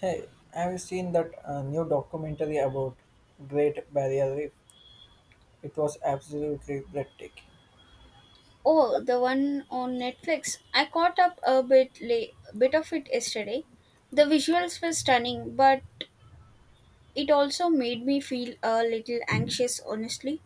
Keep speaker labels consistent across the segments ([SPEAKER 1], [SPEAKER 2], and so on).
[SPEAKER 1] Hey, have you seen that new documentary about Great Barrier Reef? It was absolutely breathtaking.
[SPEAKER 2] Oh, the one on Netflix. I caught up a bit late, bit of it yesterday. The visuals were stunning, but it also made me feel a little anxious, honestly.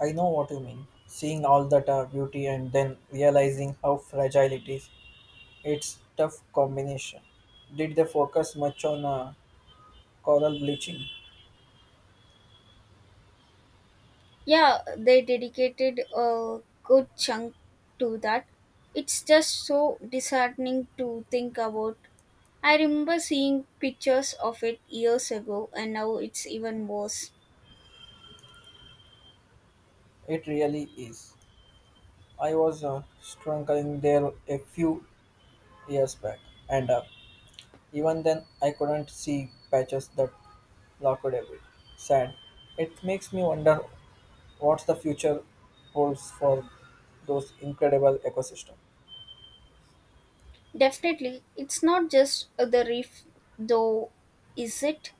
[SPEAKER 1] I know what you mean. Seeing all that beauty and then realizing how fragile it is, it's tough combination. Did they focus much on coral bleaching?
[SPEAKER 2] Yeah, they dedicated a good chunk to that. It's just so disheartening to think about. I remember seeing pictures of it years ago, and now it's even worse.
[SPEAKER 1] It really is. I was struggling there a few years back, and even then I couldn't see patches that locked every. Sad. It makes me wonder what the future holds for those incredible ecosystems.
[SPEAKER 2] Definitely, it's not just the reef, though, is it?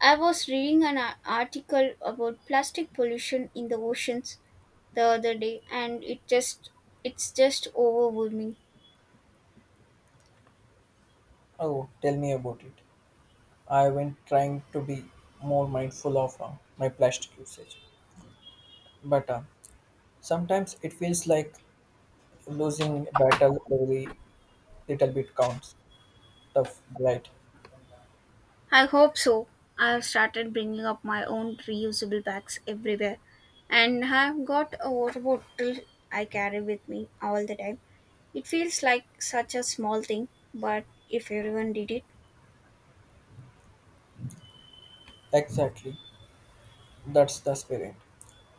[SPEAKER 2] I was reading an article about plastic pollution in the oceans the other day and it's just overwhelming.
[SPEAKER 1] Oh, tell me about it. I've been trying to be more mindful of my plastic usage, but sometimes it feels like losing a battle every little bit counts. Tough right?
[SPEAKER 2] I hope so. I have started bringing up my own reusable bags everywhere and I have got a water bottle I carry with me all the time. It feels like such a small thing, but if everyone did it,
[SPEAKER 1] Exactly. That's the spirit.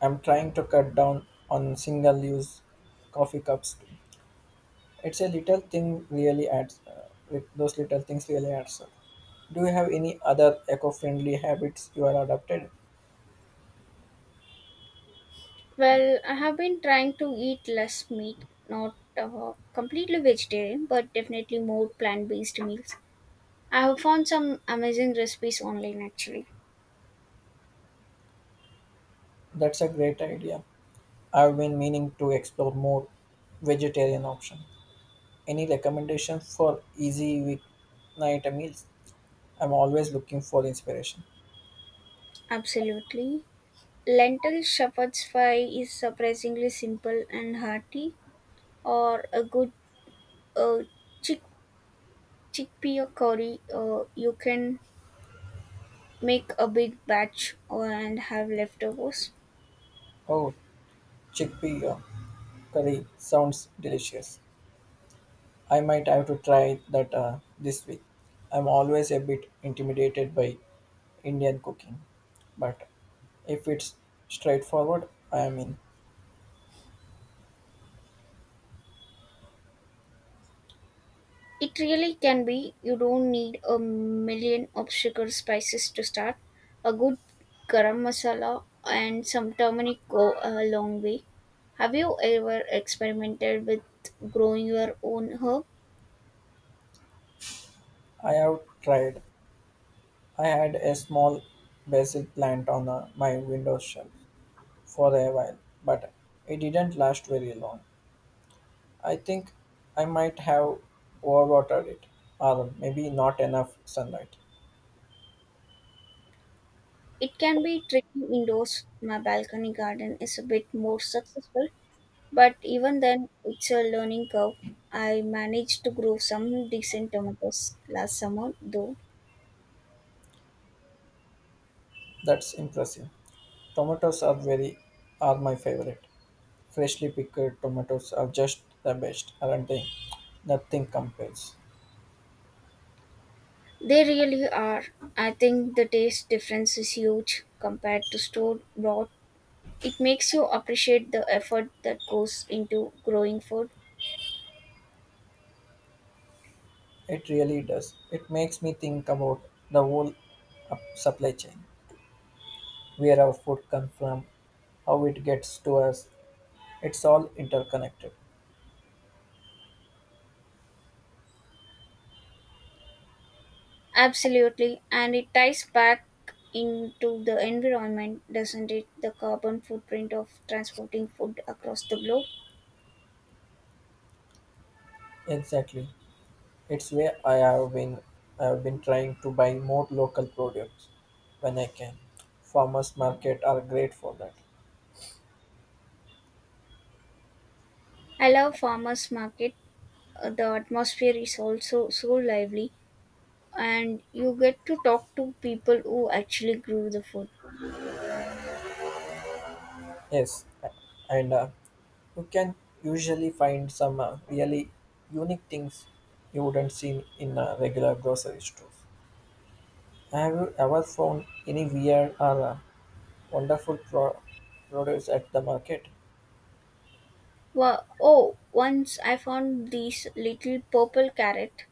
[SPEAKER 1] I'm trying to cut down on single-use coffee cups too. It's a little thing really adds, those little things really adds up. Do you have any other eco-friendly habits you are adopted?
[SPEAKER 2] well, I have been trying to eat less meat, not completely vegetarian, but definitely more plant based meals. I have found some amazing recipes online actually.
[SPEAKER 1] That's a great idea. I've been meaning to explore more vegetarian option. Any recommendations for easy weeknight meals? I'm always looking for inspiration.
[SPEAKER 2] Absolutely. Lentil shepherd's pie is surprisingly simple and hearty, or a good uh, chick- chickpea curry. You can make a big batch and have leftovers.
[SPEAKER 1] Oh, chickpea curry sounds delicious. I might have to try that this week. I'm always a bit intimidated by Indian cooking, but if it's straightforward, I mean,
[SPEAKER 2] It really can be. You don't need a million obscure spices to start. A good garam masala and some turmeric go a long way. Have you ever experimented with growing your own herb?
[SPEAKER 1] I have tried. I had a small basil plant on my window shelf for a while, but it didn't last very long. I think I might have overwatered it, or maybe not enough sunlight.
[SPEAKER 2] It can be tricky indoors. My balcony garden is a bit more successful, but even then, it's a learning curve. I managed to grow some decent tomatoes last summer, though.
[SPEAKER 1] That's impressive. Tomatoes are very are my favorite. Freshly picked tomatoes are just the best, aren't they? Nothing compares.
[SPEAKER 2] They really are. I think the taste difference is huge compared to store bought. It makes you appreciate the effort that goes into growing food.
[SPEAKER 1] It really does. It makes me think about the whole supply chain, where our food comes from, how it gets to us. It's all interconnected.
[SPEAKER 2] Absolutely. And it ties back into the environment, doesn't it? The carbon footprint of transporting food across the globe.
[SPEAKER 1] Exactly. It's where I have been trying to buy more local products when I can. Farmers market are great for that.
[SPEAKER 2] I love farmers market. The atmosphere is also so lively and you get to talk to people who actually grew the food.
[SPEAKER 1] Yes, and you can usually find some really unique things you wouldn't see in a regular grocery store. Have you ever found any weird or wonderful products at the market?
[SPEAKER 2] Well, oh, once I found these little purple carrot,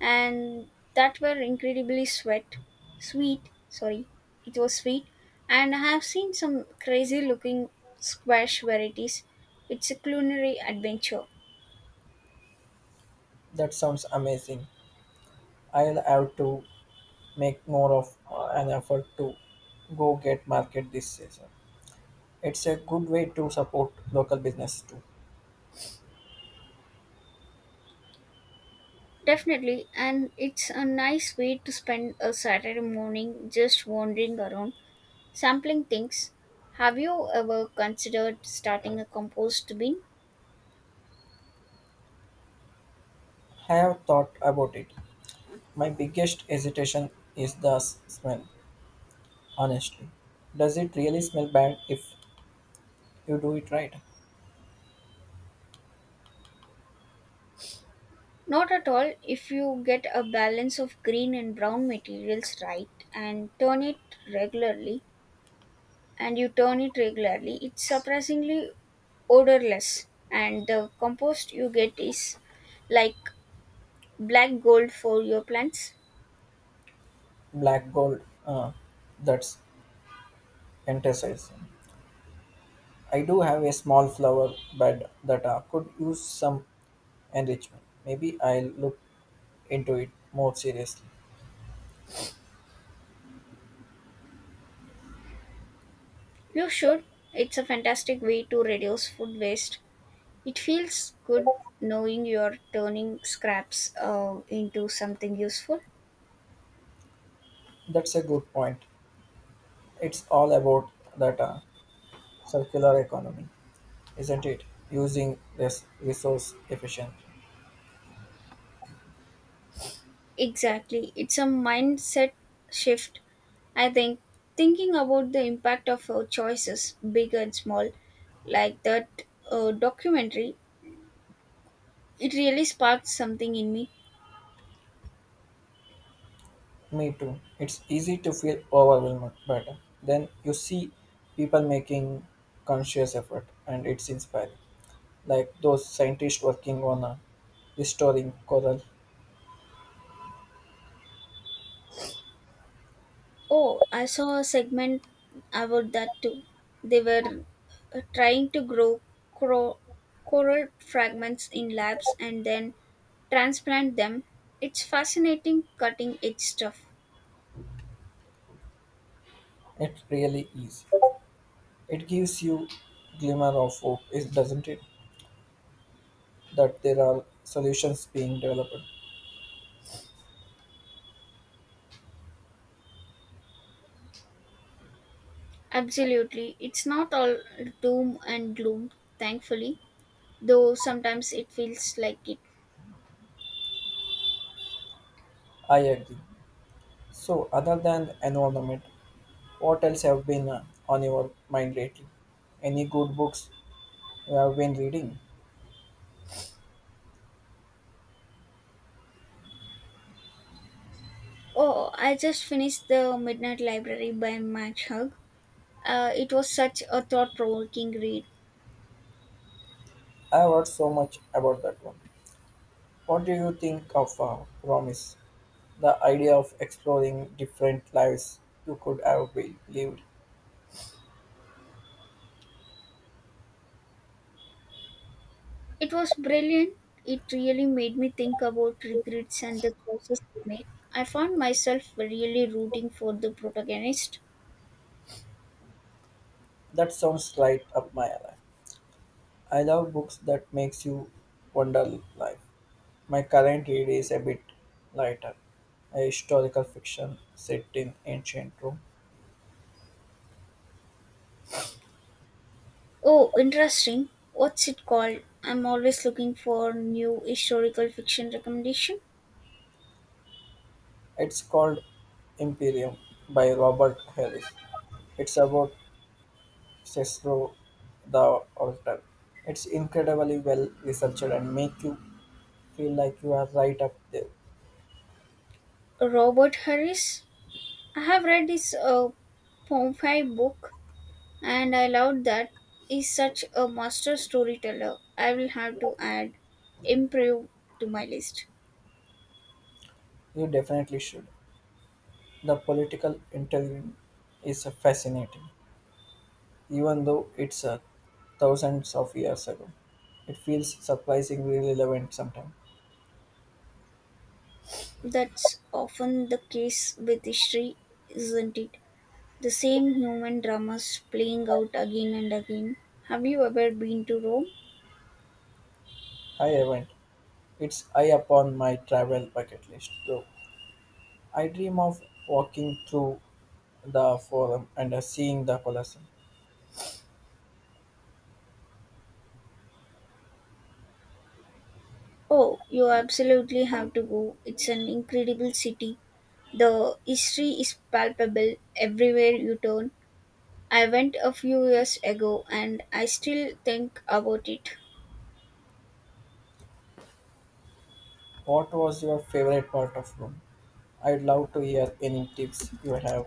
[SPEAKER 2] and that were incredibly sweet. Sorry, it was sweet. And I have seen some crazy looking squash varieties. It's a culinary adventure,
[SPEAKER 1] That sounds amazing. I'll have to make more of an effort to go get market this season. It's a good way to support local business too.
[SPEAKER 2] definitely, and it's a nice way to spend a Saturday morning just wandering around, sampling things. Have you ever considered starting a compost bin?
[SPEAKER 1] I have thought about it. My biggest hesitation is the smell. Honestly, does it really smell bad if you do it right?
[SPEAKER 2] Not at all. If you get a balance of green and brown materials right and regularly, turn it regularly, it's surprisingly odorless. And the compost you get is like black gold for your plants.
[SPEAKER 1] Black gold, uh, that's enticing. I do have a small flower bed that could use some enrichment. Maybe I'll look into it more seriously.
[SPEAKER 2] You should. It's a fantastic way to reduce food waste. It feels good knowing you're turning scraps into something useful.
[SPEAKER 1] That's a good point. It's all about that circular economy, isn't it? Using this resource efficiently.
[SPEAKER 2] Exactly. It's a mindset shift, I think. Thinking about the impact of our choices, big and small, like that documentary, it really sparked something in me.
[SPEAKER 1] Me too. It's easy to feel overwhelmed, but then you see people making conscious effort, and it's inspiring. Like those scientists working on restoring coral,
[SPEAKER 2] Oh, I saw a segment about that too. They were trying to grow cro- coral fragments in labs and then transplant them. It's fascinating cutting edge stuff.
[SPEAKER 1] it really is. It gives you glimmer of hope, is doesn't it? That there are solutions being developed.
[SPEAKER 2] Absolutely. It's not all doom and gloom, thankfully, though sometimes it feels like it.
[SPEAKER 1] I agree. So, other than environment, what else have been on your mind lately? Any good books you have been reading?
[SPEAKER 2] Oh, I just finished The Midnight Library by Max Hug. It was such a thought provoking read.
[SPEAKER 1] I have heard so much about that one. What do you think of promise? The idea of exploring different lives you could have lived.
[SPEAKER 2] It was brilliant. It really made me think about regrets and the choices we make. I found myself really rooting for the protagonist.
[SPEAKER 1] That sounds right up my alley. I love books that makes you wonder life. My current read is a bit lighter, a historical fiction set in ancient Rome.
[SPEAKER 2] Oh, interesting. What's it called? I'm always looking for new historical fiction recommendation.
[SPEAKER 1] It's called Imperium by Robert Harris. It's about Cicero the Orator. It's incredibly well researched and make you feel like you are right up there.
[SPEAKER 2] Robert Harris? I have read his Pompeii book and I loved that. He's such a master storyteller. I will have to add improve to my list.
[SPEAKER 1] You definitely should. The political interview is fascinating, even though it's thousands of years ago. It feels surprisingly relevant sometimes.
[SPEAKER 2] That's often the case with history, isn't it? The same human dramas playing out again and again. Have you ever been to Rome?
[SPEAKER 1] I haven't. It's high upon my travel bucket list, though. I dream of walking through the forum and seeing the Colosseum.
[SPEAKER 2] Oh, you absolutely have to go. It's an incredible city. The history is palpable everywhere you turn. I went a few years ago and I still think about it.
[SPEAKER 1] What was your favorite part of Rome? I'd love to hear any tips you have.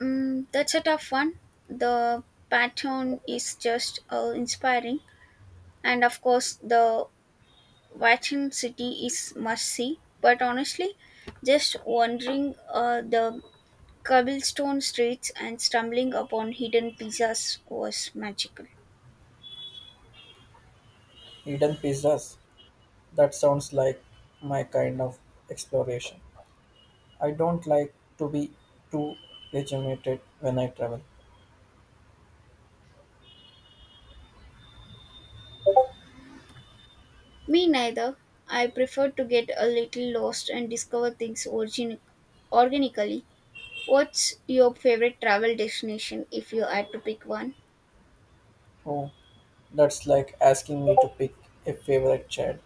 [SPEAKER 2] Mm, that's a tough one. The pattern is just inspiring. And of course, the Vatican City is must see. But honestly, just wandering the cobblestone streets and stumbling upon hidden pizzas was magical.
[SPEAKER 1] Hidden pizzas. That sounds like my kind of exploration. I don't like to be too regimented when I travel.
[SPEAKER 2] Me neither. I prefer to get a little lost and discover things organically. What's your favorite travel destination if you had to pick one?
[SPEAKER 1] Oh, that's like asking me to pick a favorite child.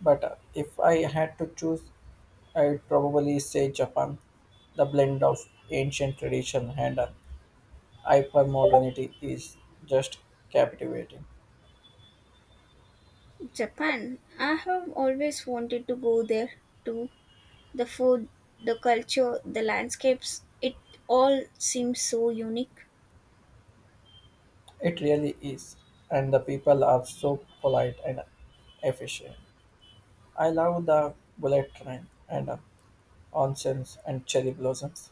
[SPEAKER 1] But if I had to choose, I'd probably say Japan. The blend of ancient tradition and hypermodernity is just captivating.
[SPEAKER 2] Japan. I have always wanted to go there too. The food, the culture, the landscapes, it all seems so unique.
[SPEAKER 1] It really is. And the people are so polite and efficient. I love the bullet train and onsens and cherry blossoms.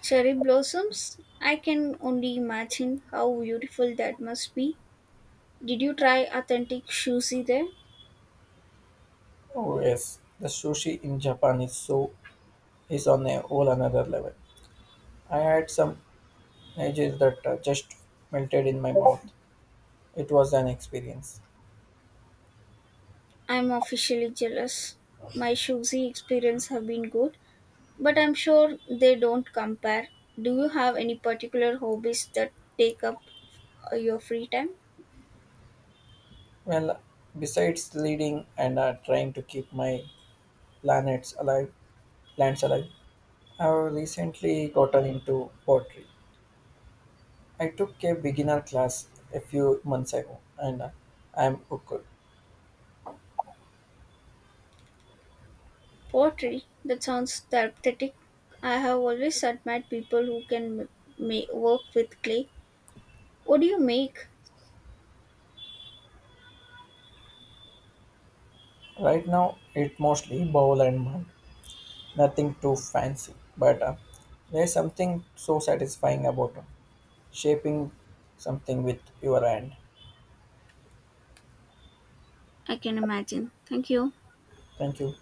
[SPEAKER 2] Cherry blossoms? I can only imagine how beautiful that must be. Did you try authentic sushi there?
[SPEAKER 1] Oh yes, the sushi in Japan is so is on a whole another level. I had some edges that just melted in my mouth. It was an experience.
[SPEAKER 2] I'm officially jealous. My sushi experience have been good, but I'm sure they don't compare. Do you have any particular hobbies that take up your free time?
[SPEAKER 1] Well, besides leading and trying to keep my planets alive, plants alive, I have recently gotten into pottery. I took a beginner class a few months ago, and I am hooked.
[SPEAKER 2] Pottery, that sounds therapeutic. I have always admired people who can work with clay. What do you make?
[SPEAKER 1] Right now, it mostly bowl and mug Nothing too fancy, but there's something so satisfying about shaping something with your hand.
[SPEAKER 2] I can imagine. Thank you.
[SPEAKER 1] Thank you.